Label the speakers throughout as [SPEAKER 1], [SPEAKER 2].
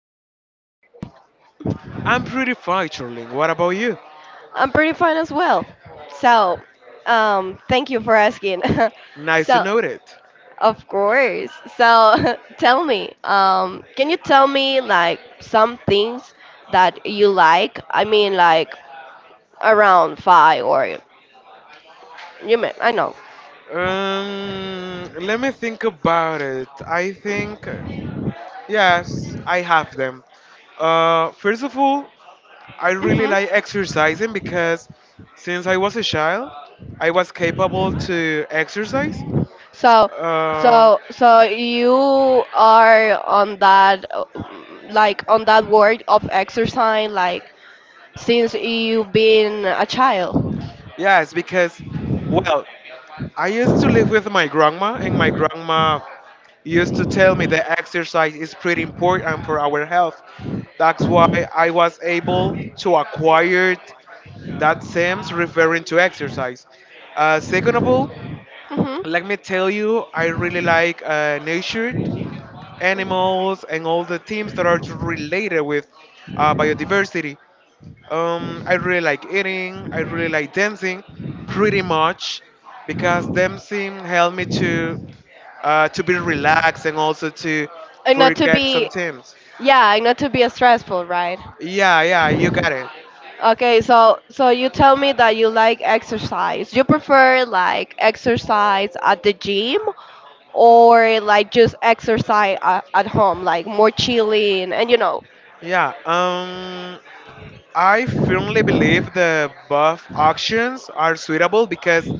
[SPEAKER 1] you been, Alejandro?
[SPEAKER 2] I'm pretty fine, Charlene. What about you?
[SPEAKER 1] I'm pretty fine as well. So, thank you for asking.
[SPEAKER 2] Nice to
[SPEAKER 1] So,
[SPEAKER 2] know it.
[SPEAKER 1] of course. So, tell me, can you tell me like some things that you like? I mean, like around five or you may I know.
[SPEAKER 2] Let me think about it. I think, yes, I have them. First of all, I really
[SPEAKER 1] Hmm.
[SPEAKER 2] like exercising because since I was a child, I was capable to exercise.
[SPEAKER 1] So,
[SPEAKER 2] Um,
[SPEAKER 1] so you are on that, like on that word of exercise, like since you've been a child.
[SPEAKER 2] yes, because, well, I used to live with my grandma, and my grandma used to tell me that exercise is pretty important for our health. That's why I was able to acquire that sense referring to exercise. Second of all,
[SPEAKER 1] Hmm.
[SPEAKER 2] let me tell you, I really like nature, animals, and all the themes that are related with biodiversity. I really like eating. I really like dancing, pretty much, because dancing helped me to be relaxed and also to
[SPEAKER 1] And not to
[SPEAKER 2] forget some
[SPEAKER 1] be,
[SPEAKER 2] things.
[SPEAKER 1] yeah, and not to be stressful, right?
[SPEAKER 2] Yeah, yeah, you got it.
[SPEAKER 1] Okay, so you tell me that you like exercise. You prefer like exercise at the gym or like just exercise at home, like more chilling and you know.
[SPEAKER 2] Yeah. I firmly believe the above options are suitable because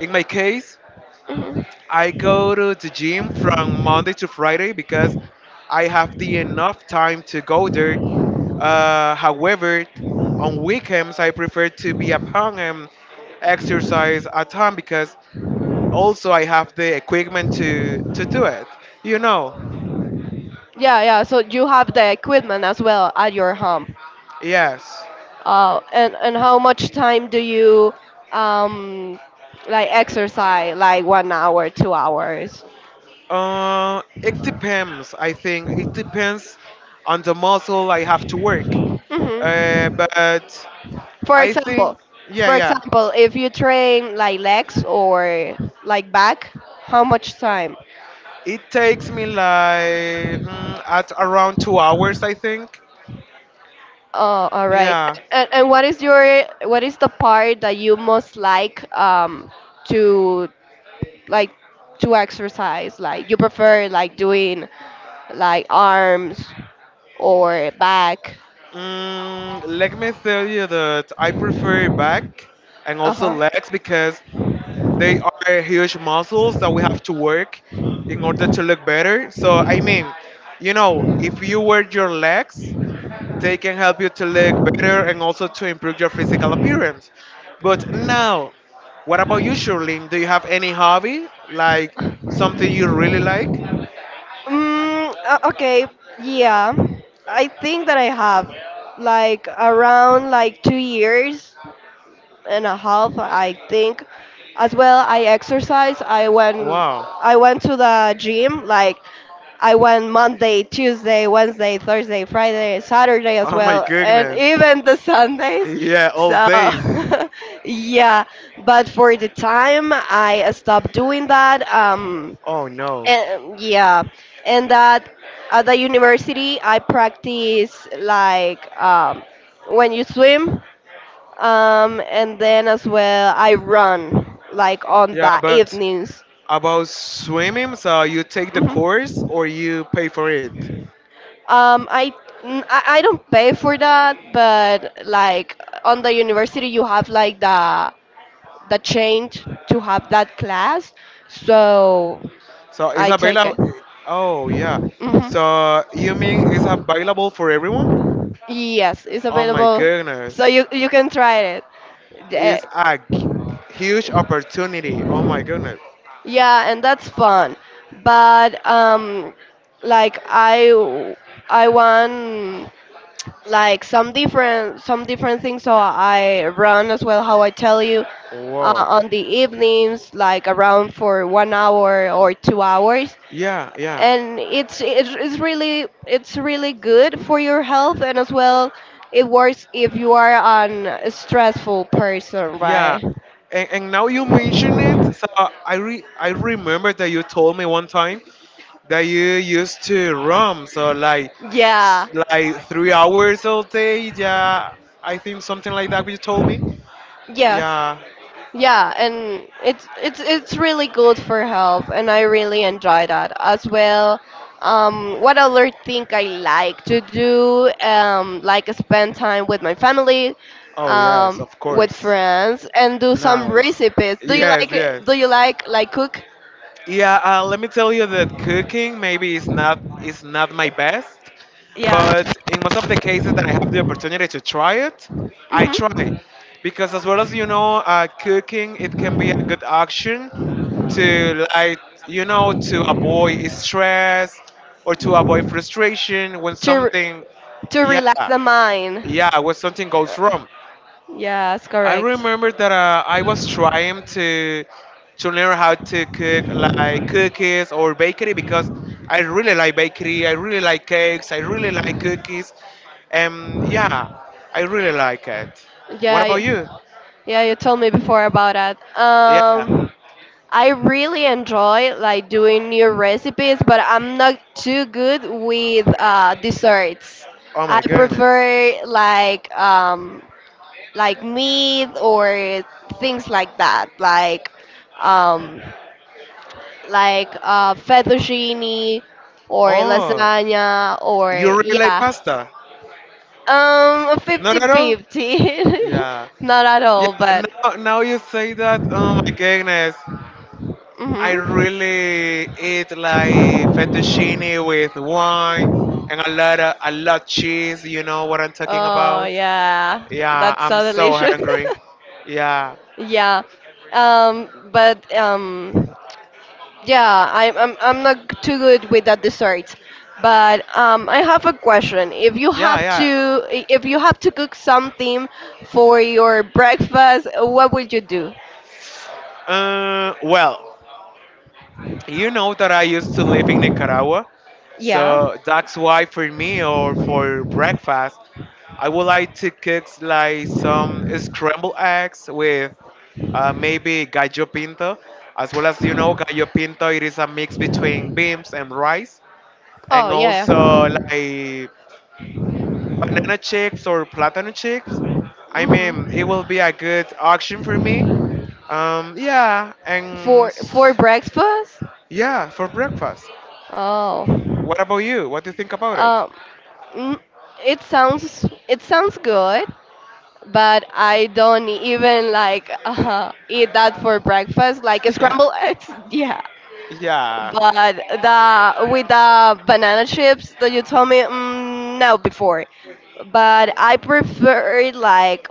[SPEAKER 2] in my case,
[SPEAKER 1] Mhm.
[SPEAKER 2] I go to the gym from Monday to Friday because I have the enough time to go there. However, on weekends, I prefer to be at home and exercise at home because also I have the equipment to do it. You know,
[SPEAKER 1] Yeah, yeah. So you have the equipment as well at your home.
[SPEAKER 2] yes.
[SPEAKER 1] And how much time do you um like exercise? Like 1 hour, 2 hours?
[SPEAKER 2] It depends, I think. It depends on the muscle I have to work.
[SPEAKER 1] Hmm.
[SPEAKER 2] But
[SPEAKER 1] For
[SPEAKER 2] I think,
[SPEAKER 1] example,
[SPEAKER 2] yeah,
[SPEAKER 1] for
[SPEAKER 2] yeah.
[SPEAKER 1] example, if you train like legs or like back, how much time?
[SPEAKER 2] It takes me like at around 2 hours, I think.
[SPEAKER 1] Oh, all right.
[SPEAKER 2] Yeah.
[SPEAKER 1] And what is your what is the part that you most like to like to exercise? Like you prefer like doing like arms or back?
[SPEAKER 2] Mm, let me tell you that I prefer back and
[SPEAKER 1] Uh
[SPEAKER 2] also
[SPEAKER 1] huh.
[SPEAKER 2] legs because they are huge muscles that we have to work in order to look better. So, I mean, you know, if you work your legs, they can help you to look better and also to improve your physical appearance. But now, what about you, Shirley? Do you have any hobby? Like something you really like?
[SPEAKER 1] Mm, okay, yeah. I think that I have like around like 2 years and a half, I think. As well, I exercise.
[SPEAKER 2] Wow.
[SPEAKER 1] I went to the gym. Like, I went Monday, Tuesday, Wednesday, Thursday, Friday, Saturday as
[SPEAKER 2] Oh my
[SPEAKER 1] well, and
[SPEAKER 2] goodness.
[SPEAKER 1] even the Sundays.
[SPEAKER 2] Yeah, all
[SPEAKER 1] So,
[SPEAKER 2] days.
[SPEAKER 1] yeah. But for the time, I stopped doing that.
[SPEAKER 2] Oh no.
[SPEAKER 1] And yeah, and that at the university I practice like, when you swim, and then as well I run like on
[SPEAKER 2] Yeah,
[SPEAKER 1] the
[SPEAKER 2] but
[SPEAKER 1] evenings.
[SPEAKER 2] about swimming, so you take the
[SPEAKER 1] Hmm.
[SPEAKER 2] course or you pay for it.
[SPEAKER 1] I, n- I don't pay for that, but like on the university you have like the change to have that class, so
[SPEAKER 2] So it's
[SPEAKER 1] I take
[SPEAKER 2] available.
[SPEAKER 1] it.
[SPEAKER 2] Oh yeah.
[SPEAKER 1] Hmm.
[SPEAKER 2] So you mean it's available for everyone?
[SPEAKER 1] Yes, it's
[SPEAKER 2] Oh my
[SPEAKER 1] available, so
[SPEAKER 2] goodness,
[SPEAKER 1] you can try it. Eh,
[SPEAKER 2] it's a g- huge opportunity. Oh my goodness.
[SPEAKER 1] Yeah, and that's fun. But like I want like some different things. So I run as well, how I tell you,
[SPEAKER 2] Wow.
[SPEAKER 1] on the evenings, like around for 1 hour or 2 hours.
[SPEAKER 2] Yeah, yeah,
[SPEAKER 1] And it's really good for your health, and as well it works if you are an a stressful person,
[SPEAKER 2] yeah.
[SPEAKER 1] right?
[SPEAKER 2] And now you mention it, so I remember that you told me one time that you used to roam. So like
[SPEAKER 1] Yeah,
[SPEAKER 2] like 3 hours all day. Yeah, I think something like that. You told me.
[SPEAKER 1] yeah,
[SPEAKER 2] Yeah.
[SPEAKER 1] yeah and it's really good for health, and I really enjoy that as well. What other thing I like to do, like spend time with my family,
[SPEAKER 2] Oh yes,
[SPEAKER 1] um
[SPEAKER 2] of
[SPEAKER 1] with
[SPEAKER 2] course.
[SPEAKER 1] friends, and do some
[SPEAKER 2] Nice.
[SPEAKER 1] recipes. Do you
[SPEAKER 2] Yes,
[SPEAKER 1] like
[SPEAKER 2] yes.
[SPEAKER 1] like cook?
[SPEAKER 2] Yeah. Let me tell you that cooking maybe is not my best,
[SPEAKER 1] Yeah.
[SPEAKER 2] but in most of the cases that I have the opportunity to try it, I try.
[SPEAKER 1] Hmm.
[SPEAKER 2] Because as well as you know, cooking it can be a good option to, like, you know, to avoid stress or to avoid frustration when
[SPEAKER 1] to r-
[SPEAKER 2] something,
[SPEAKER 1] to
[SPEAKER 2] yeah,
[SPEAKER 1] relax the mind.
[SPEAKER 2] yeah, when something goes
[SPEAKER 1] Uh,
[SPEAKER 2] wrong.
[SPEAKER 1] Yes,
[SPEAKER 2] I
[SPEAKER 1] correct.
[SPEAKER 2] remember that I was trying to learn how to cook like cookies or bakery because I really like bakery. I really like cakes. I really like cookies. Yeah, I really like it. What
[SPEAKER 1] Yeah,
[SPEAKER 2] about you?
[SPEAKER 1] yeah, you told me before about that.
[SPEAKER 2] Yeah.
[SPEAKER 1] I really enjoy like doing new recipes, but I'm not too good with desserts.
[SPEAKER 2] Oh
[SPEAKER 1] I
[SPEAKER 2] my goodness.
[SPEAKER 1] prefer like, like meat or things like that, like, um, fettuccine or
[SPEAKER 2] Oh,
[SPEAKER 1] lasagna,
[SPEAKER 2] you
[SPEAKER 1] or
[SPEAKER 2] really like
[SPEAKER 1] yeah.
[SPEAKER 2] pasta? Not at all.
[SPEAKER 1] Fifty-fifty.
[SPEAKER 2] Yeah.
[SPEAKER 1] Not at
[SPEAKER 2] Yeah.
[SPEAKER 1] all, but.
[SPEAKER 2] Now, now you say that. Oh my goodness. I
[SPEAKER 1] Hmm.
[SPEAKER 2] really eat like fettuccine with wine and a lot of a lot cheese. You know what I'm talking
[SPEAKER 1] Oh,
[SPEAKER 2] about?
[SPEAKER 1] yeah.
[SPEAKER 2] Yeah,
[SPEAKER 1] That's
[SPEAKER 2] I'm
[SPEAKER 1] so
[SPEAKER 2] so
[SPEAKER 1] delicious.
[SPEAKER 2] hungry. Yeah,
[SPEAKER 1] Yeah. But yeah, I'm not too good with that dessert. But I have a question.
[SPEAKER 2] yeah,
[SPEAKER 1] If you have to cook something for your breakfast, what would you do?
[SPEAKER 2] yeah. Well, you know that I used to live in Nicaragua,
[SPEAKER 1] Yeah.
[SPEAKER 2] so that's why for me or for breakfast I would like to cook like some scrambled eggs with maybe gallo pinto. As well as you know, gallo pinto it is a mix between beans and rice,
[SPEAKER 1] Oh,
[SPEAKER 2] and
[SPEAKER 1] yeah.
[SPEAKER 2] also like banana chips or plantain chips. I mean, it
[SPEAKER 1] Mm-hmm.
[SPEAKER 2] will be a good option for me. Yeah,
[SPEAKER 1] For breakfast?
[SPEAKER 2] yeah, for breakfast.
[SPEAKER 1] Oh.
[SPEAKER 2] What about you? What do you think about it?
[SPEAKER 1] Um, mm, it sounds it sounds good, but I don't even like eat that for breakfast, like
[SPEAKER 2] Yeah,
[SPEAKER 1] scrambled eggs. Yeah,
[SPEAKER 2] yeah.
[SPEAKER 1] but the with the banana chips that you told me, no, before. But I prefer it like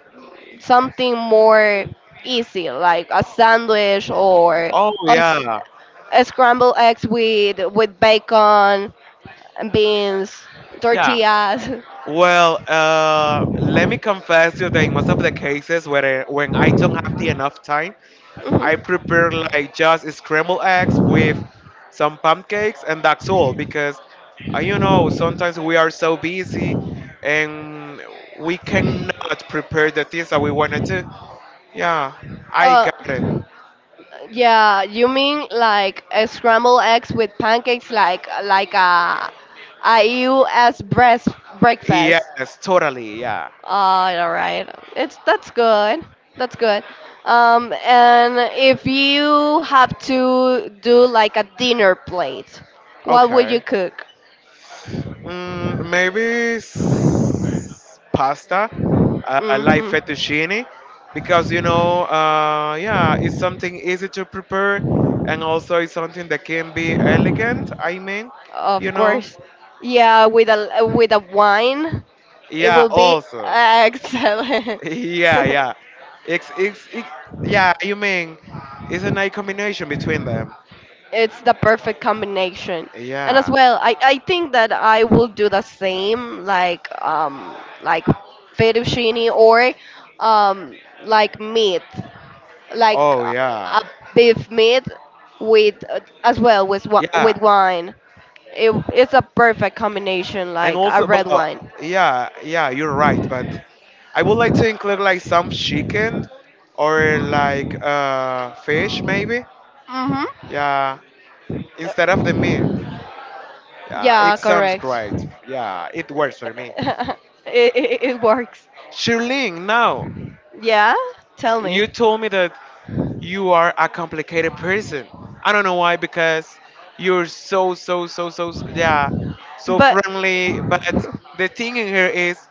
[SPEAKER 1] something more easy, like a sandwich or
[SPEAKER 2] Oh
[SPEAKER 1] a, s-
[SPEAKER 2] yeah,
[SPEAKER 1] a scrambled eggs with bacon, beans,
[SPEAKER 2] yeah.
[SPEAKER 1] tortillas.
[SPEAKER 2] Well, let me confess you that in most of the cases where I, when I don't have the enough time, I
[SPEAKER 1] Hmm.
[SPEAKER 2] prepare like just scrambled eggs with some pancakes, and that's all. Because you know sometimes we are so busy, and we cannot prepare the things that we want to do. Yeah, I
[SPEAKER 1] Uh,
[SPEAKER 2] got it.
[SPEAKER 1] yeah, you mean like a scrambled eggs with pancakes, like a U.S. breast breakfast.
[SPEAKER 2] Yes, totally. Yeah.
[SPEAKER 1] All right, it's that's good. That's good. And if you have to do like a dinner plate, what would you
[SPEAKER 2] Okay.
[SPEAKER 1] cook?
[SPEAKER 2] Mm, maybe pasta, like
[SPEAKER 1] Mm-hmm.
[SPEAKER 2] fettuccine, because you know, yeah, it's something easy to prepare, and also it's something that can be elegant. I mean, you
[SPEAKER 1] Of
[SPEAKER 2] know,
[SPEAKER 1] course. Yeah, with a wine, it
[SPEAKER 2] yeah,
[SPEAKER 1] will be
[SPEAKER 2] also,
[SPEAKER 1] excellent.
[SPEAKER 2] yeah, yeah, it's it's it, yeah, you mean, it's a nice combination between them.
[SPEAKER 1] It's the perfect combination, and as
[SPEAKER 2] Yeah.
[SPEAKER 1] well I think that I will do the same, like, like fettuccine, or um like meat, like,
[SPEAKER 2] Oh yeah.
[SPEAKER 1] a beef meat with, as well, with
[SPEAKER 2] Yeah.
[SPEAKER 1] with wine. It's a perfect combination,
[SPEAKER 2] And
[SPEAKER 1] like a
[SPEAKER 2] also, but
[SPEAKER 1] red wine.
[SPEAKER 2] yeah, yeah, you're right, but I would like to include like some chicken or like fish maybe.
[SPEAKER 1] Mm-hmm.
[SPEAKER 2] Yeah, instead of the meat. Yeah,
[SPEAKER 1] Yeah,
[SPEAKER 2] it sounds
[SPEAKER 1] correct.
[SPEAKER 2] great. Yeah, it works for me.
[SPEAKER 1] it, it works.
[SPEAKER 2] Shirling, now
[SPEAKER 1] Yeah, tell me,
[SPEAKER 2] you told me that you are a complicated person. I don't know why because you're yeah so
[SPEAKER 1] but.
[SPEAKER 2] friendly. But the thing in here is,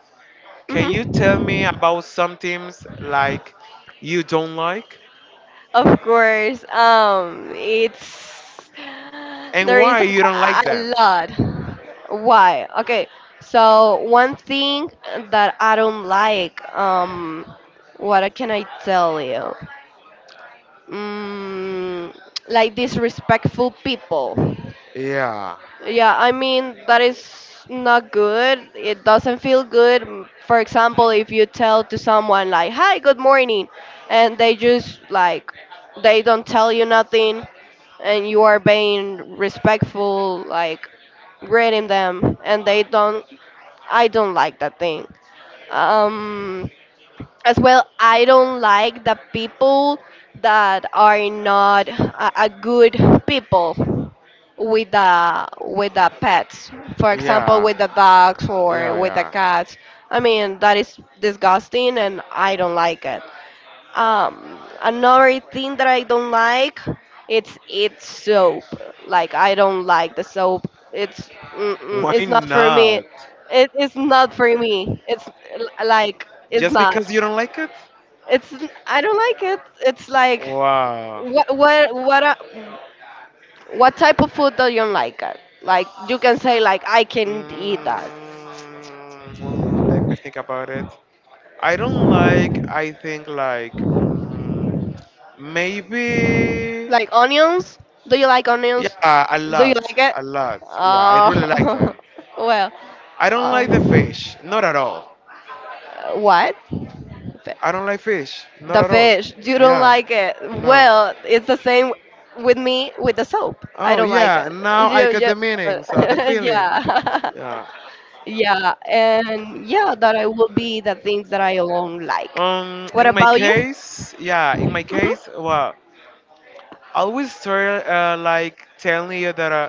[SPEAKER 2] can you
[SPEAKER 1] Mhm.
[SPEAKER 2] tell me about some things like you don't like
[SPEAKER 1] Of course, it's
[SPEAKER 2] and
[SPEAKER 1] there is
[SPEAKER 2] why you don't like
[SPEAKER 1] a
[SPEAKER 2] them?
[SPEAKER 1] lot. Why? Okay, so one thing that I don't like, what can I tell you? Mm, like disrespectful people.
[SPEAKER 2] Yeah,
[SPEAKER 1] Yeah, I mean, that is not good. It doesn't feel good. For example, if you tell to someone like, "Hi, good morning," and they just like they don't tell you nothing, and you are being respectful like greeting them, and they don't. I don't like that thing. Um as well, I don't like the people that are not a good people with the pets, for example,
[SPEAKER 2] yeah,
[SPEAKER 1] with the dogs or
[SPEAKER 2] yeah,
[SPEAKER 1] with the
[SPEAKER 2] yeah.
[SPEAKER 1] cats. I mean, that is disgusting, and I don't like it. Another thing that I don't like, it's soap. Like, I don't like the soap. It's mm-mm,
[SPEAKER 2] Why
[SPEAKER 1] it's not for me.
[SPEAKER 2] not?
[SPEAKER 1] It's not for me. It's, like it's
[SPEAKER 2] Just
[SPEAKER 1] not.
[SPEAKER 2] because you don't like it?
[SPEAKER 1] It's, I don't like it. It's like,
[SPEAKER 2] Wow.
[SPEAKER 1] what what what are, what type of food do you like? Like, you can say like, I can eat that.
[SPEAKER 2] Mm, let me think about it. I don't like, I think, like, mm, maybe,
[SPEAKER 1] Like onions? Do you like onions?
[SPEAKER 2] yeah, a
[SPEAKER 1] Do you
[SPEAKER 2] lot,
[SPEAKER 1] like it?
[SPEAKER 2] a lot. Yeah, I really like
[SPEAKER 1] Uh,
[SPEAKER 2] them.
[SPEAKER 1] well,
[SPEAKER 2] I don't like the
[SPEAKER 1] um,
[SPEAKER 2] fish, not at all.
[SPEAKER 1] what? Fi-
[SPEAKER 2] I don't like fish, not
[SPEAKER 1] The
[SPEAKER 2] at all.
[SPEAKER 1] fish. You don't
[SPEAKER 2] Yeah,
[SPEAKER 1] like it.
[SPEAKER 2] no.
[SPEAKER 1] Well, it's the same with me with the soap. I
[SPEAKER 2] Oh,
[SPEAKER 1] don't like
[SPEAKER 2] yeah,
[SPEAKER 1] it.
[SPEAKER 2] now I get
[SPEAKER 1] You.
[SPEAKER 2] the meaning, so the feeling.
[SPEAKER 1] Yeah.
[SPEAKER 2] Yeah.
[SPEAKER 1] Yeah, and yeah, that I will be the things that I alone like. What
[SPEAKER 2] In my
[SPEAKER 1] about you?
[SPEAKER 2] case, yeah, in my
[SPEAKER 1] Hmm.
[SPEAKER 2] case, well, I always start like telling you that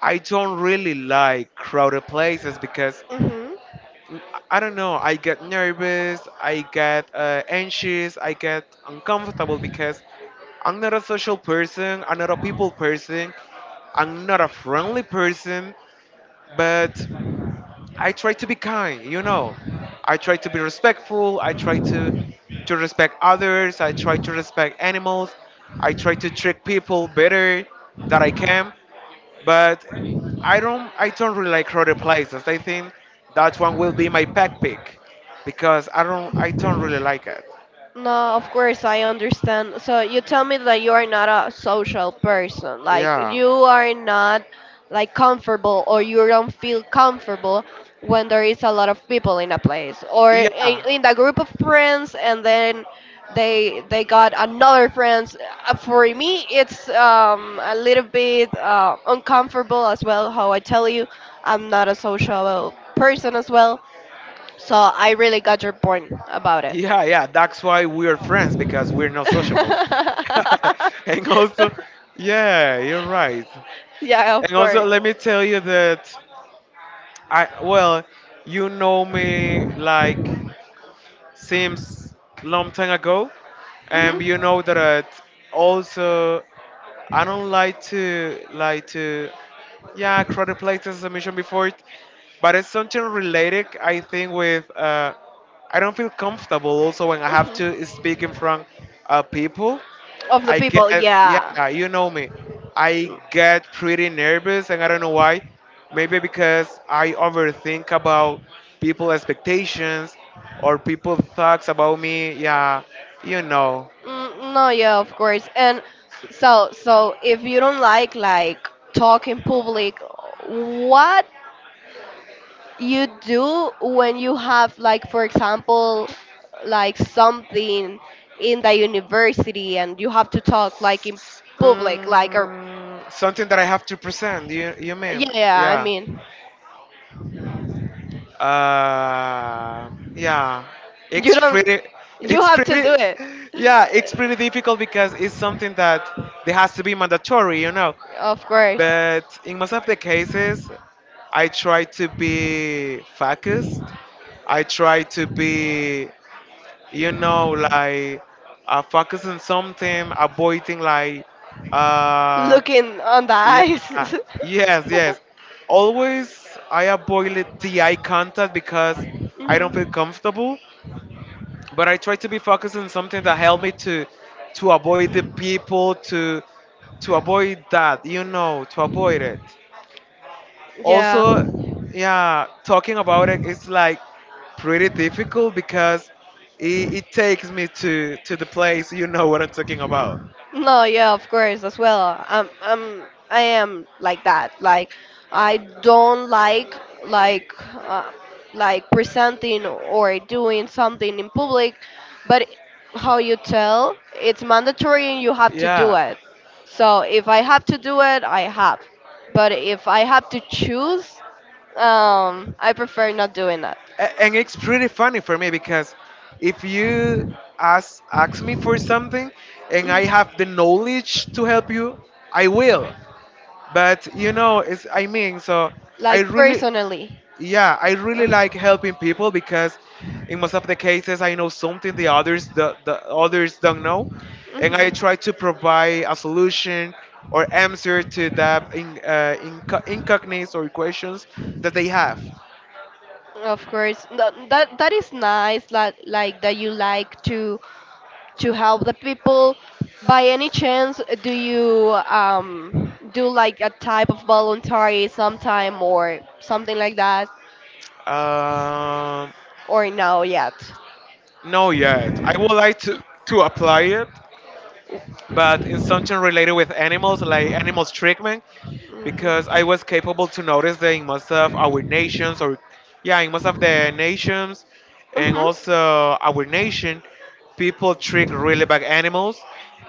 [SPEAKER 2] I don't really like crowded places because
[SPEAKER 1] Hmm.
[SPEAKER 2] I don't know, I get nervous, I get anxious, I get uncomfortable because I'm not a social person, I'm not a people person, I'm not a friendly person, but I try to be kind, you know. I try to be respectful. I try to respect others. I try to respect animals. I try to treat people better that I can. But I don't really like crowded places. I think that one will be my pack pick because I don't really like it.
[SPEAKER 1] No, of course I understand. So you tell me that you are not a social person. Like,
[SPEAKER 2] Yeah.
[SPEAKER 1] you are not like comfortable, or you don't feel comfortable when there is a lot of people in a place, or
[SPEAKER 2] Yeah.
[SPEAKER 1] in the group of friends, and then they got another friends. For me, it's, a little bit, uncomfortable as well. How I tell you, I'm not a social person as well. So I really got your point about it.
[SPEAKER 2] Yeah, yeah. That's why we're friends because we're not sociable. And also yeah, you're right.
[SPEAKER 1] Yeah,
[SPEAKER 2] And
[SPEAKER 1] of
[SPEAKER 2] also
[SPEAKER 1] course.
[SPEAKER 2] let me tell you that I, well, you know me like since long time ago, and you
[SPEAKER 1] Hmm.
[SPEAKER 2] know that it also I don't like to yeah crowded places as I mentioned before, it, but it's something related I think with I don't feel comfortable also when I have
[SPEAKER 1] Hmm.
[SPEAKER 2] to speak in front of people.
[SPEAKER 1] Of the
[SPEAKER 2] I get,
[SPEAKER 1] people, yeah.
[SPEAKER 2] yeah, you know me. I get pretty nervous, and I don't know why. Maybe because I overthink about people expectations or people thoughts about me. Yeah, you know,
[SPEAKER 1] Mm, no, yeah, of course. And so if you don't like talk in public, what you do when you have, like, for example, like something in the university and you have to talk like in public, like, or
[SPEAKER 2] mm, something that I have to present. You mean?
[SPEAKER 1] yeah, yeah, I
[SPEAKER 2] Yeah.
[SPEAKER 1] mean,
[SPEAKER 2] Yeah.
[SPEAKER 1] you
[SPEAKER 2] It's
[SPEAKER 1] don't,
[SPEAKER 2] pretty.
[SPEAKER 1] you
[SPEAKER 2] It's
[SPEAKER 1] have to
[SPEAKER 2] pretty.
[SPEAKER 1] do it.
[SPEAKER 2] Yeah, it's pretty difficult because it's something that they has to be mandatory. You know,
[SPEAKER 1] Of course.
[SPEAKER 2] but in most of the cases, I try to be focused. I try to be, you know, like focus on something, avoiding like, uh,
[SPEAKER 1] Looking on the
[SPEAKER 2] yeah,
[SPEAKER 1] eyes.
[SPEAKER 2] yes, yes. Always I avoid the eye contact because I don't feel
[SPEAKER 1] Hmm.
[SPEAKER 2] comfortable. But I try to be focused on something that help me to avoid the people to avoid that, you know, to avoid it.
[SPEAKER 1] Yeah.
[SPEAKER 2] Also, yeah, talking about it, it's like pretty difficult because it takes me to the place. You know what I'm talking about.
[SPEAKER 1] No, yeah, of course, as well. I am like that. Like, I don't like, like presenting or doing something in public, but how you tell, it's mandatory and you have to do
[SPEAKER 2] Yeah,
[SPEAKER 1] it. So if I have to do it, I have. But if I have to choose, I prefer not doing that.
[SPEAKER 2] And it's pretty funny for me because if you ask me for something and I have
[SPEAKER 1] Mm-hmm.
[SPEAKER 2] the knowledge to help you, I will. But you know, it's I mean, so I
[SPEAKER 1] Like
[SPEAKER 2] really.
[SPEAKER 1] personally.
[SPEAKER 2] Yeah, I really like helping people because in most of the cases I know something the others the others don't know and I
[SPEAKER 1] Mm-hmm.
[SPEAKER 2] try to provide a solution or answer to that in, incognites or questions that they have.
[SPEAKER 1] Of course, that is nice. That like that you like to help the people. By any chance, do you do like a type of voluntary sometime or something like that,
[SPEAKER 2] Um,
[SPEAKER 1] or no yet?
[SPEAKER 2] no yet. I would like to apply it but in something related with animals, like animals treatment, because
[SPEAKER 1] Mm-hmm.
[SPEAKER 2] I was capable to notice that in most of our nations, or yeah, in most of the nations, and
[SPEAKER 1] Mm-hmm.
[SPEAKER 2] also our nation, people treat really bad animals,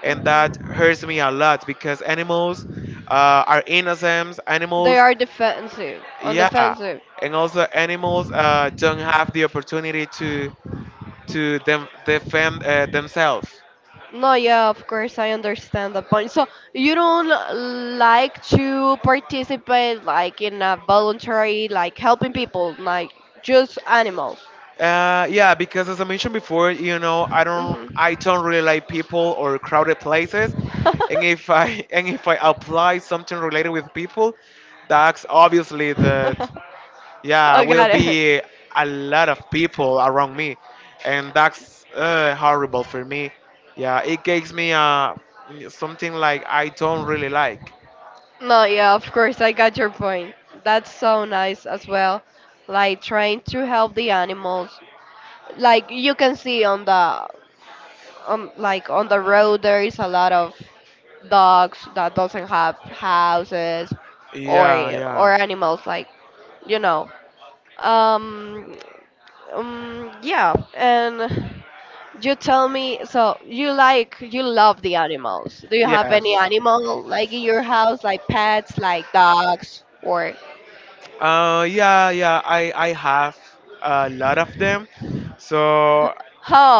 [SPEAKER 2] and that
[SPEAKER 1] Mm-hmm.
[SPEAKER 2] hurts me a lot because animals are innocent.
[SPEAKER 1] They
[SPEAKER 2] Animals,
[SPEAKER 1] are defensive, on
[SPEAKER 2] yeah,
[SPEAKER 1] defensive.
[SPEAKER 2] and also animals don't have the opportunity to them, defend themselves.
[SPEAKER 1] No, yeah, of course, I understand the point. So you don't like to participate like in a voluntary, like helping people, like just animals.
[SPEAKER 2] Yeah, because as I mentioned before, you know, I
[SPEAKER 1] Hmm.
[SPEAKER 2] don't really like people or crowded places, and if I and if I apply something related with people, that's obviously that, yeah,
[SPEAKER 1] Oh,
[SPEAKER 2] will
[SPEAKER 1] got it.
[SPEAKER 2] be a lot of people around me, and that's horrible for me. Yeah, it gives me something like I don't really like.
[SPEAKER 1] No, yeah, of course, I got your point. That's so nice as well. Like trying to help the animals. Like, you can see on the on the road, there is a lot of dogs that doesn't have houses, or
[SPEAKER 2] Yeah,
[SPEAKER 1] or
[SPEAKER 2] yeah,
[SPEAKER 1] animals, like, you know um, yeah. And you tell me, so you love the animals. Do you have any
[SPEAKER 2] yes.
[SPEAKER 1] animal like in your house, like pets, like dogs or?
[SPEAKER 2] Yeah, yeah, I have a lot of them. So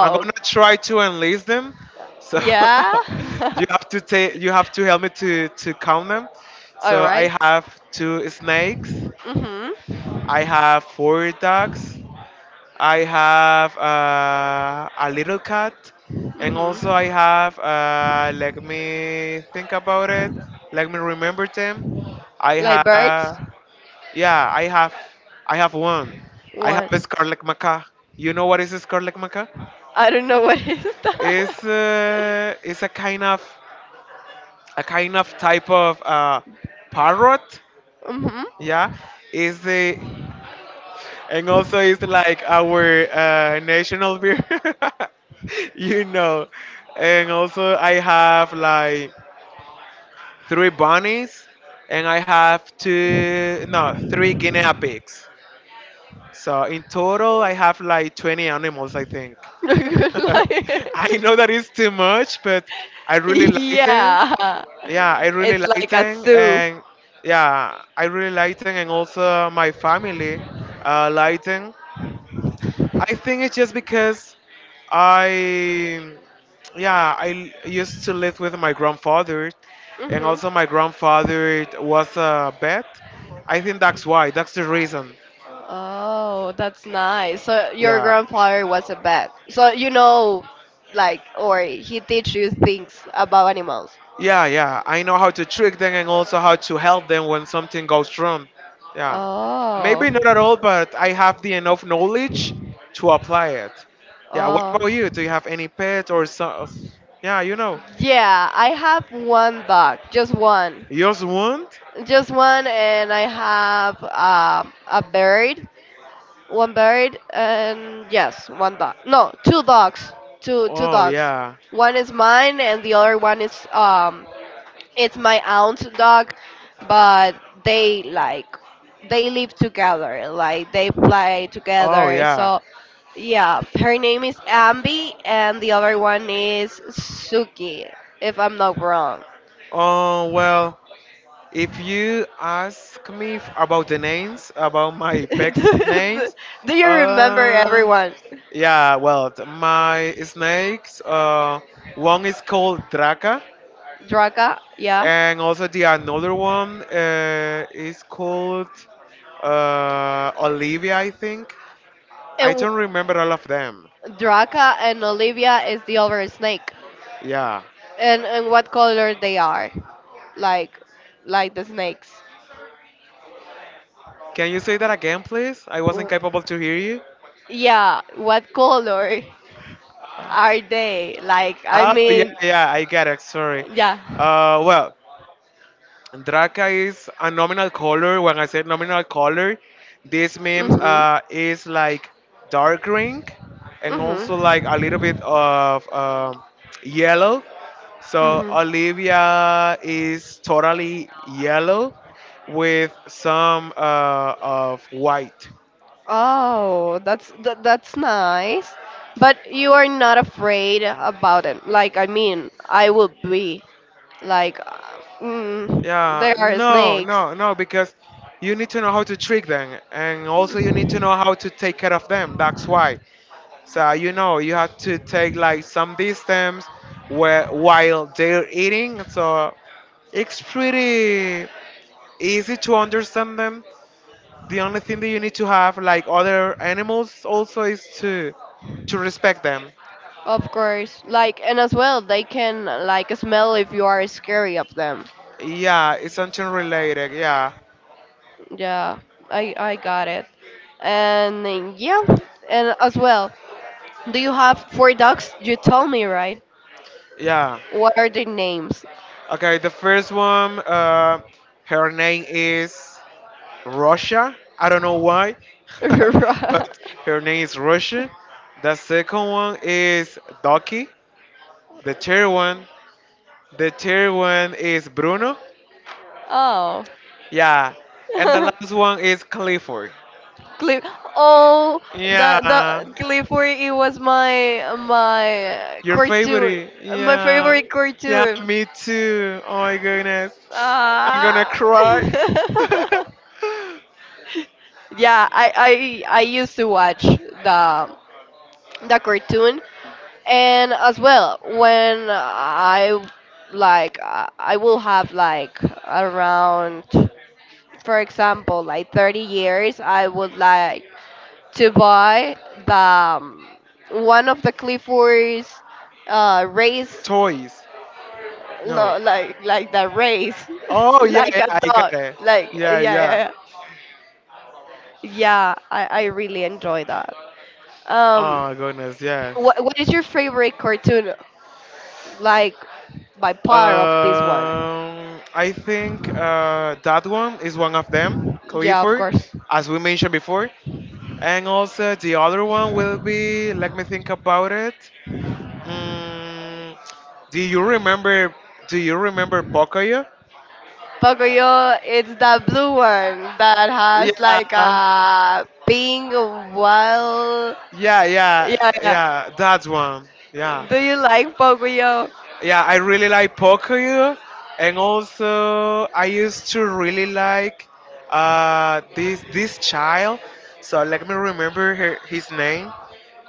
[SPEAKER 2] I'm gonna try to enlist them. So
[SPEAKER 1] Yeah.
[SPEAKER 2] you have to take you have to help me to count them.
[SPEAKER 1] All
[SPEAKER 2] So
[SPEAKER 1] right.
[SPEAKER 2] I have two snakes.
[SPEAKER 1] Mhm.
[SPEAKER 2] I have four dogs. I have a little cat, and also
[SPEAKER 1] Mhm.
[SPEAKER 2] I have let me think about it. Let me remember them. I
[SPEAKER 1] Like birds?
[SPEAKER 2] have. Yeah, I have one. I have
[SPEAKER 1] What?
[SPEAKER 2] a Scarlet Maca. You know what is a Scarlet Maca?
[SPEAKER 1] I don't know. What is that?
[SPEAKER 2] It's a kind of type of parrot.
[SPEAKER 1] Mhm.
[SPEAKER 2] Yeah, is the and also it's like our national beer. you know, and also I have like three bunnies, and I have two no three guinea pigs. So in total, I have like 20 animals, I think.
[SPEAKER 1] Good.
[SPEAKER 2] I know that is too much, but I really like them.
[SPEAKER 1] Yeah.
[SPEAKER 2] Yeah, I really
[SPEAKER 1] It's
[SPEAKER 2] like
[SPEAKER 1] like a
[SPEAKER 2] them,
[SPEAKER 1] zoo.
[SPEAKER 2] and yeah, I really like them, and also my family like them. I think it's just because I, yeah, used to live with my grandfather, and
[SPEAKER 1] Hmm.
[SPEAKER 2] also my grandfather was a vet. I think that's why. That's the reason.
[SPEAKER 1] Oh, that's nice. So your
[SPEAKER 2] Yeah.
[SPEAKER 1] grandfather was a vet. So you know, like, or he teach you things about animals.
[SPEAKER 2] Yeah, yeah. I know how to trick them and also how to help them when something goes wrong. Yeah.
[SPEAKER 1] Oh,
[SPEAKER 2] Maybe not at all, but I have the enough knowledge to apply it. Yeah, what about
[SPEAKER 1] oh.
[SPEAKER 2] you? Do you have any pet or so? Yeah, you know.
[SPEAKER 1] Yeah, I have one dog,
[SPEAKER 2] You just want?
[SPEAKER 1] just one, and I have a bird. One bird, and yes, one dog. No, two dogs. Two
[SPEAKER 2] Oh,
[SPEAKER 1] dogs.
[SPEAKER 2] yeah.
[SPEAKER 1] One is mine and the other one is, it's my aunt's dog, but they like they live together, like they play
[SPEAKER 2] Oh,
[SPEAKER 1] together.
[SPEAKER 2] yeah.
[SPEAKER 1] So yeah, her name is Ambi and the other one is Suki, if I'm not wrong.
[SPEAKER 2] Oh, well, if you ask me about the names, about my pet's names,
[SPEAKER 1] Do you remember
[SPEAKER 2] uh,
[SPEAKER 1] everyone?
[SPEAKER 2] yeah, well, my snakes, one is called Draca,
[SPEAKER 1] Draka, yeah.
[SPEAKER 2] and also the another one is called Olivia, I think. I
[SPEAKER 1] And
[SPEAKER 2] don't remember all of them.
[SPEAKER 1] Draka and Olivia is the other snake.
[SPEAKER 2] Yeah.
[SPEAKER 1] And what color they are? Like like the snakes.
[SPEAKER 2] Can you say that again, please? I wasn't
[SPEAKER 1] W-
[SPEAKER 2] capable to hear you.
[SPEAKER 1] Yeah, what color are they? Like, I
[SPEAKER 2] Oh, yeah,
[SPEAKER 1] mean,
[SPEAKER 2] yeah, I get it. Sorry.
[SPEAKER 1] yeah.
[SPEAKER 2] Well, Draca is a nominal color. When I say nominal color, this means
[SPEAKER 1] Mhm.
[SPEAKER 2] is like dark green and also
[SPEAKER 1] Mhm.
[SPEAKER 2] like a little bit of yellow. So
[SPEAKER 1] Mhm.
[SPEAKER 2] Olivia is totally yellow with some of white.
[SPEAKER 1] Oh, that, that's nice. But you are not afraid about it. Like, I mean, I would be like, mm,
[SPEAKER 2] Yeah,
[SPEAKER 1] there are
[SPEAKER 2] no,
[SPEAKER 1] snakes.
[SPEAKER 2] no, no, because you need to know how to trick them, and also you need to know how to take care of them. That's why. So you know you have to take like some distance where while they're eating. So it's pretty easy to understand them. The only thing that you need to have like other animals also is to respect them.
[SPEAKER 1] Of course, like, and as well, they can like smell if you are scary of them.
[SPEAKER 2] Yeah, it's something related. Yeah,
[SPEAKER 1] Yeah, I got it. And then, yeah, and as well, do you have four dogs? You told me, right.
[SPEAKER 2] yeah.
[SPEAKER 1] What are their names?
[SPEAKER 2] Okay, the first one. Her name is Russia. I don't know why, but her name is Russia. The second one is Ducky. The third one, the third one is Bruno.
[SPEAKER 1] Oh,
[SPEAKER 2] Yeah, and the last one is Clifford.
[SPEAKER 1] Cliff. Oh, the
[SPEAKER 2] Yeah,
[SPEAKER 1] the Clifford. It was my
[SPEAKER 2] your
[SPEAKER 1] cartoon,
[SPEAKER 2] favorite.
[SPEAKER 1] my
[SPEAKER 2] Yeah,
[SPEAKER 1] favorite
[SPEAKER 2] yeah,
[SPEAKER 1] cartoon.
[SPEAKER 2] me too. Oh my goodness, I'm gonna
[SPEAKER 1] Ah.
[SPEAKER 2] cry.
[SPEAKER 1] Yeah, I used to watch the cartoon, and as well when I like I will have like around, for example, like 30 years I would like to buy the one of the Clifford's race.
[SPEAKER 2] Toys. No.
[SPEAKER 1] No, like the race.
[SPEAKER 2] Oh yeah,
[SPEAKER 1] Like
[SPEAKER 2] yeah,
[SPEAKER 1] a
[SPEAKER 2] I got
[SPEAKER 1] dog,
[SPEAKER 2] it.
[SPEAKER 1] like yeah,
[SPEAKER 2] Yeah,
[SPEAKER 1] yeah,
[SPEAKER 2] yeah.
[SPEAKER 1] yeah, yeah, I really enjoy that. um
[SPEAKER 2] Oh my goodness, yes.
[SPEAKER 1] What is your favorite cartoon? Like by part of this one?
[SPEAKER 2] I think that one is one of them,
[SPEAKER 1] Yeah, of
[SPEAKER 2] Clifford,
[SPEAKER 1] course.
[SPEAKER 2] as we mentioned before. And also the other one will be, let me think about it. Mm, do you remember? Do you remember Pocoyo?
[SPEAKER 1] Pocoyo, it's the blue one that has like
[SPEAKER 2] Yeah,
[SPEAKER 1] a pink wild.
[SPEAKER 2] yeah, yeah,
[SPEAKER 1] Yeah, yeah.
[SPEAKER 2] yeah. That one. Yeah.
[SPEAKER 1] Do you like Pocoyo?
[SPEAKER 2] Yeah, I really like poker, and also I used to really like this child. So let me remember her, his name.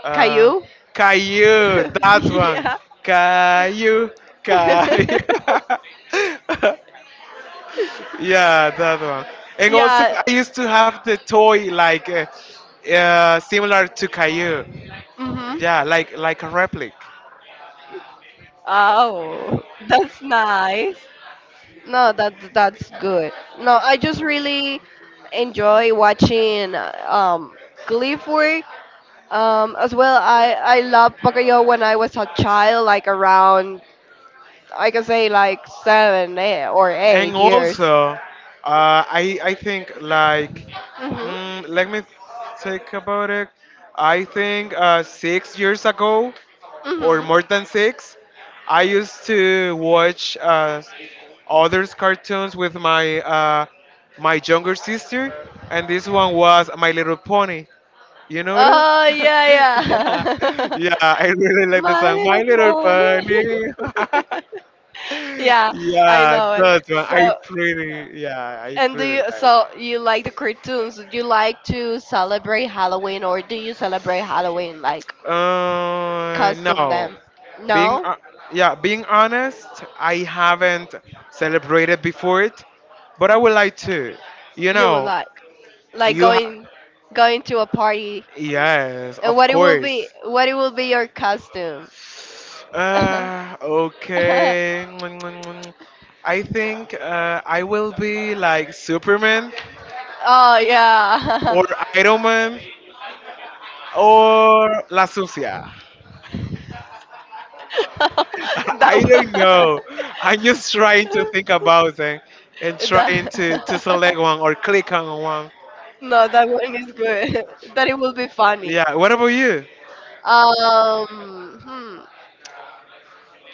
[SPEAKER 2] Uh,
[SPEAKER 1] Caillou?
[SPEAKER 2] Caillou, that one.
[SPEAKER 1] Yeah.
[SPEAKER 2] Caillou, Caillou. yeah, that one. And also
[SPEAKER 1] Yeah.
[SPEAKER 2] I used to have the toy like similar to Caillou.
[SPEAKER 1] Mhm.
[SPEAKER 2] Yeah, like a replica.
[SPEAKER 1] Oh, that's nice. No, that that's good. No, I just really enjoy watching Gleeful. As well, I loved Bakayo when I was a child, like around, I can say, like seven eh, or
[SPEAKER 2] And
[SPEAKER 1] 8 years.
[SPEAKER 2] also I think like
[SPEAKER 1] Mhm.
[SPEAKER 2] mm, let me think about it. I think 6 years ago or
[SPEAKER 1] Mhm.
[SPEAKER 2] more than six, I used to watch others cartoons with my my younger sister, and this one was My Little Pony. You know that?
[SPEAKER 1] Oh yeah,
[SPEAKER 2] yeah,
[SPEAKER 1] yeah.
[SPEAKER 2] yeah. I really like the
[SPEAKER 1] My
[SPEAKER 2] song My
[SPEAKER 1] little
[SPEAKER 2] Little
[SPEAKER 1] pony.
[SPEAKER 2] Pony.
[SPEAKER 1] Yeah, I
[SPEAKER 2] Yeah,
[SPEAKER 1] know
[SPEAKER 2] that
[SPEAKER 1] it.
[SPEAKER 2] one.
[SPEAKER 1] So.
[SPEAKER 2] I pretty. Yeah, I
[SPEAKER 1] And do
[SPEAKER 2] pretty
[SPEAKER 1] you,
[SPEAKER 2] like.
[SPEAKER 1] so you like the cartoons? Do you like to celebrate Halloween, or do you celebrate Halloween like costume
[SPEAKER 2] No.
[SPEAKER 1] them?
[SPEAKER 2] Being
[SPEAKER 1] No,
[SPEAKER 2] yeah, being honest, I haven't celebrated before it, but I would like to. You
[SPEAKER 1] you would
[SPEAKER 2] know,
[SPEAKER 1] like
[SPEAKER 2] you ha-
[SPEAKER 1] going going to a party,
[SPEAKER 2] yes,
[SPEAKER 1] and
[SPEAKER 2] of
[SPEAKER 1] what it will be,
[SPEAKER 2] course.
[SPEAKER 1] what it will be your costume. Oh
[SPEAKER 2] Okay. I think I will be like Superman
[SPEAKER 1] yeah.
[SPEAKER 2] or Iron Man or La Sucia.
[SPEAKER 1] That
[SPEAKER 2] I don't
[SPEAKER 1] one,
[SPEAKER 2] know. I'm just trying to think about them and trying to,
[SPEAKER 1] that,
[SPEAKER 2] select one or click on one.
[SPEAKER 1] no, that one is good. That it will be funny.
[SPEAKER 2] Yeah, what about you?
[SPEAKER 1] Um, hmm.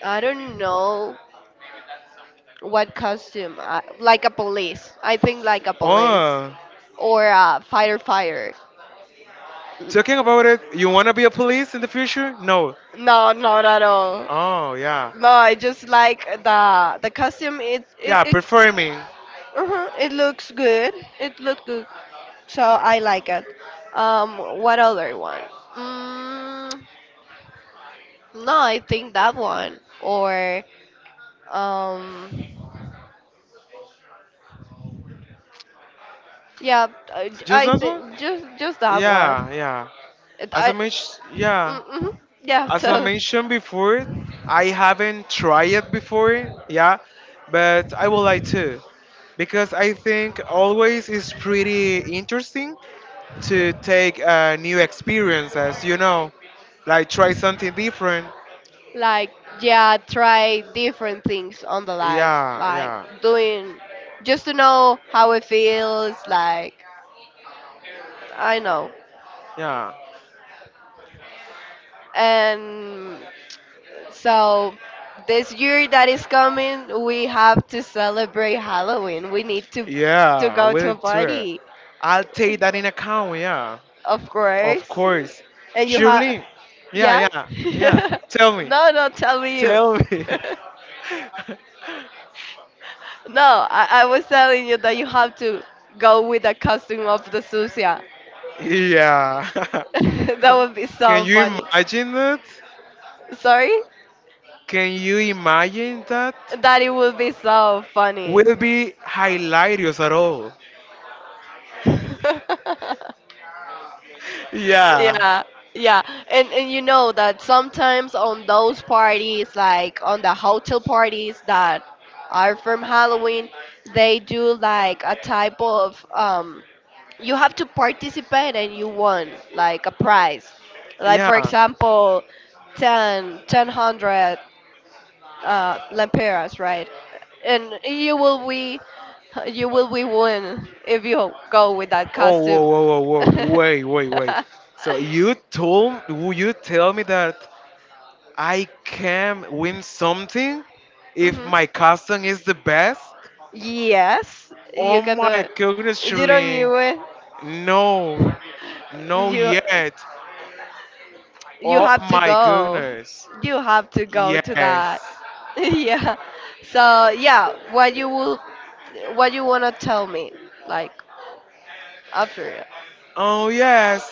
[SPEAKER 1] I don't know what costume. I, like a police. I think like a police
[SPEAKER 2] Oh,
[SPEAKER 1] or a firefighter.
[SPEAKER 2] talking about it, you want to be a police in the future? No.
[SPEAKER 1] No, not at all.
[SPEAKER 2] Oh, yeah.
[SPEAKER 1] No, I just like the costume. It it
[SPEAKER 2] Yeah,
[SPEAKER 1] it,
[SPEAKER 2] performing.
[SPEAKER 1] uh it looks good. It looks good. So I like it. What other one? Mm, no, I think that one or um, yeah. I,
[SPEAKER 2] Just
[SPEAKER 1] I
[SPEAKER 2] that one?
[SPEAKER 1] think just that one.
[SPEAKER 2] Yeah, yeah.
[SPEAKER 1] It,
[SPEAKER 2] As I
[SPEAKER 1] I,
[SPEAKER 2] mentioned, yeah.
[SPEAKER 1] mm-hmm, yeah.
[SPEAKER 2] As I
[SPEAKER 1] So
[SPEAKER 2] mentioned before, I haven't tried it before, yeah, but I would like to because I think always is pretty interesting to take new experiences, you know, like try something different.
[SPEAKER 1] like yeah, try different things on the lives,
[SPEAKER 2] Yeah,
[SPEAKER 1] like
[SPEAKER 2] yeah,
[SPEAKER 1] doing, just to know how it feels like, I know,
[SPEAKER 2] yeah,
[SPEAKER 1] and so this year that is coming, we have to celebrate Halloween, we need to
[SPEAKER 2] yeah,
[SPEAKER 1] go to a
[SPEAKER 2] we'll do it.
[SPEAKER 1] party,
[SPEAKER 2] I'll take that in account, yeah,
[SPEAKER 1] of
[SPEAKER 2] of
[SPEAKER 1] course,
[SPEAKER 2] course.
[SPEAKER 1] and you have
[SPEAKER 2] Surely, yeah,
[SPEAKER 1] yeah.
[SPEAKER 2] yeah, yeah.
[SPEAKER 1] No, no, tell me, you
[SPEAKER 2] Tell me.
[SPEAKER 1] no, I was telling you that you have to go with the costume of the Susia.
[SPEAKER 2] yeah.
[SPEAKER 1] That would be
[SPEAKER 2] Can
[SPEAKER 1] so
[SPEAKER 2] you
[SPEAKER 1] funny.
[SPEAKER 2] imagine that?
[SPEAKER 1] Sorry?
[SPEAKER 2] Can you imagine that?
[SPEAKER 1] That it would be so funny.
[SPEAKER 2] Will be hilarious at all. yeah,
[SPEAKER 1] Yeah, yeah. And you know that sometimes on those parties, like on the hotel parties that are from Halloween, they do like a type of you have to participate and you won like a prize, like for
[SPEAKER 2] yeah.
[SPEAKER 1] example 1,000, lempiras, right, and you will be win if you go with that
[SPEAKER 2] Oh, whoa,
[SPEAKER 1] costume.
[SPEAKER 2] whoa, whoa, whoa, wait, wait, wait. So will you tell me that I can win something if
[SPEAKER 1] Hmm,
[SPEAKER 2] my cousin is the best?
[SPEAKER 1] yes, you
[SPEAKER 2] Oh
[SPEAKER 1] can do
[SPEAKER 2] my
[SPEAKER 1] it.
[SPEAKER 2] goodness,
[SPEAKER 1] You don't
[SPEAKER 2] Shirley.
[SPEAKER 1] knew it.
[SPEAKER 2] No, no
[SPEAKER 1] you
[SPEAKER 2] yet.
[SPEAKER 1] you
[SPEAKER 2] Oh
[SPEAKER 1] have to
[SPEAKER 2] my
[SPEAKER 1] go.
[SPEAKER 2] goodness.
[SPEAKER 1] You have to go to
[SPEAKER 2] Yes.
[SPEAKER 1] that. Yeah. So yeah, what you will, what you wanna tell me, like after, it.
[SPEAKER 2] Oh yes.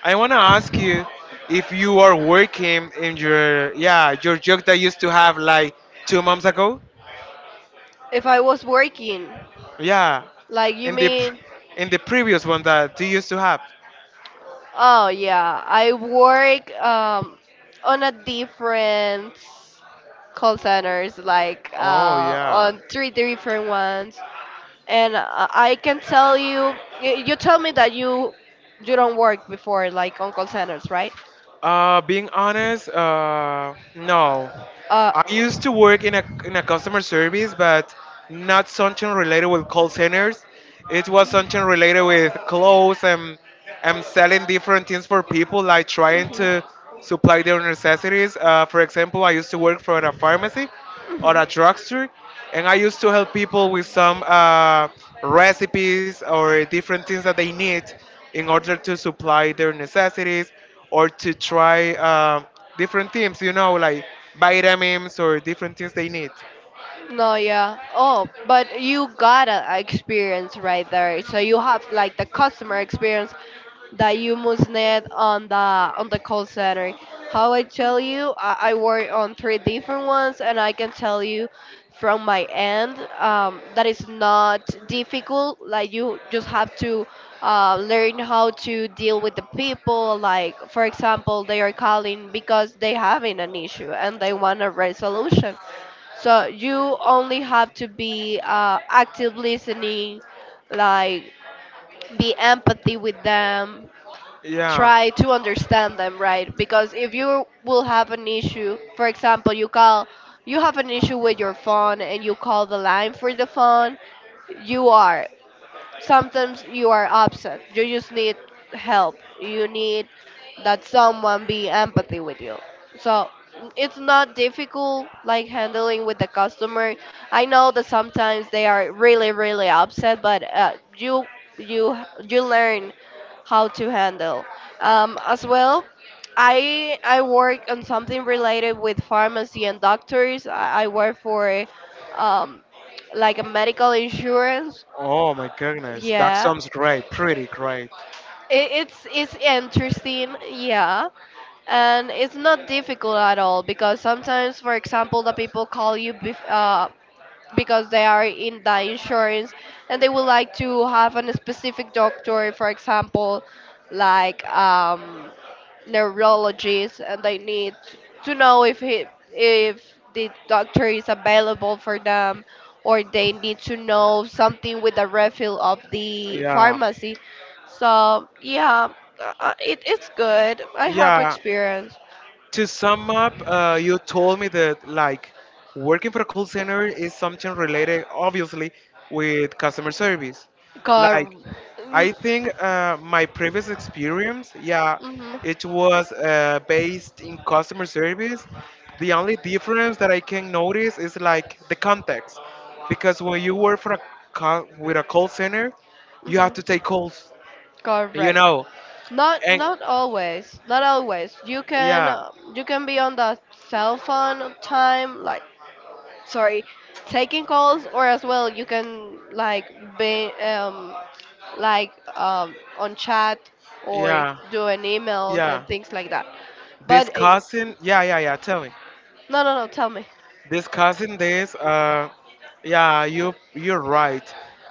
[SPEAKER 2] I wanna ask you if you are working in your yeah your job that you used to have like 2 months ago.
[SPEAKER 1] If I was working,
[SPEAKER 2] Yeah,
[SPEAKER 1] like you
[SPEAKER 2] in the pr-
[SPEAKER 1] mean?
[SPEAKER 2] in the previous one that you used to have.
[SPEAKER 1] Oh yeah, I work on a different call centers, like
[SPEAKER 2] Oh yeah.
[SPEAKER 1] on three different ones, and I can tell you, you tell me that you don't work before like on call centers, right?
[SPEAKER 2] Being honest, no.
[SPEAKER 1] Uh,
[SPEAKER 2] I used to work in a customer service, but not something related with call centers. It was something related with clothes and selling different things for people, like trying
[SPEAKER 1] hmm,
[SPEAKER 2] to supply their necessities. For example, I used to work for a pharmacy or
[SPEAKER 1] hmm.
[SPEAKER 2] a drugstore, and I used to help people with some recipes or different things that they need in order to supply their necessities or to try different things, you know, like vitamins or different things they need.
[SPEAKER 1] No, yeah. Oh, but you got a experience right there. So you have like the customer experience that you must need on the call center. How I tell you, I work on three different ones, and I can tell you from my end that is not difficult. Like you just have to learn how to deal with the people. Like for example, they are calling because they having an issue and they want a resolution. So you only have to be active listening, like be empathy with them,
[SPEAKER 2] Yeah.
[SPEAKER 1] try to understand them, right? Because if you will have an issue, for example, you call, you have an issue with your phone and you call the line for the phone, you are, sometimes you are upset. You just need help. You need that someone be empathy with you. So it's not difficult like handling with the customer. I know that sometimes they are really really upset, but you you learn how to handle. As well, I work on something related with pharmacy and doctors. I work for um, like a medical insurance.
[SPEAKER 2] Oh my goodness, that
[SPEAKER 1] Yeah,
[SPEAKER 2] sounds great, pretty great.
[SPEAKER 1] I- it's interesting, yeah, and it's not difficult at all because sometimes for example the people call you bef- because they are in the insurance and they would like to have a specific doctor, for example, like neurologist and they need to know if he, if the doctor is available for them, or they need to know something with the refill of the
[SPEAKER 2] Yeah.
[SPEAKER 1] pharmacy. So yeah, it's good, I have
[SPEAKER 2] Yeah,
[SPEAKER 1] experience.
[SPEAKER 2] to sum up, you told me that like working for a call center is something related, obviously, with customer service.
[SPEAKER 1] Cor-
[SPEAKER 2] Like,
[SPEAKER 1] mm,
[SPEAKER 2] I think my previous experience, yeah,
[SPEAKER 1] hmm,
[SPEAKER 2] it was based in customer service. The only difference that I can notice is like the context, because when you work for a with a call center, you have to
[SPEAKER 1] hmm,
[SPEAKER 2] take calls, you
[SPEAKER 1] correct,
[SPEAKER 2] know,
[SPEAKER 1] not
[SPEAKER 2] and
[SPEAKER 1] not always, not always
[SPEAKER 2] yeah,
[SPEAKER 1] you can be on the cell phone time like sorry, taking calls, or as well you can like be like on chat, or
[SPEAKER 2] yeah,
[SPEAKER 1] doing emails
[SPEAKER 2] yeah.
[SPEAKER 1] and things like that. But eh,
[SPEAKER 2] Discussing, yeah, yeah, yeah, tell me.
[SPEAKER 1] no, no, no, tell me.
[SPEAKER 2] Discussing this, yeah, you you're right.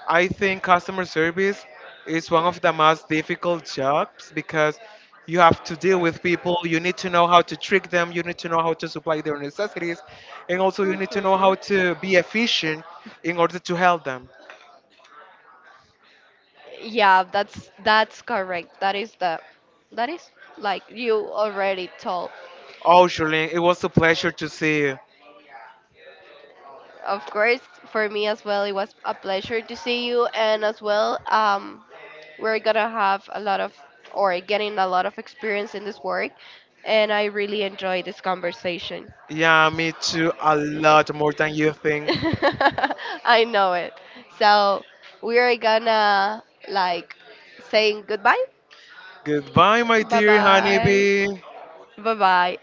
[SPEAKER 2] I think customer service is one of the most difficult jobs because you have to deal with people, you need to know how to trick them, you need to know how to supply their necessities, and also you need to know
[SPEAKER 1] Hmm.
[SPEAKER 2] how to be efficient in order to help them.
[SPEAKER 1] Yeah, that's correct. That is the that is like you already told.
[SPEAKER 2] Oh, Shirley, it was a pleasure to see you.
[SPEAKER 1] Of course, for me as well, it was a pleasure to see you, and as well, we're gonna have a lot of or getting a lot of experience in this work, and I really enjoy this conversation.
[SPEAKER 2] Yeah, me too, a lot more than you think.
[SPEAKER 1] I know it, so we're gonna like saying goodbye.
[SPEAKER 2] Goodbye, my
[SPEAKER 1] Bye
[SPEAKER 2] dear
[SPEAKER 1] bye
[SPEAKER 2] honeybee.
[SPEAKER 1] bye bye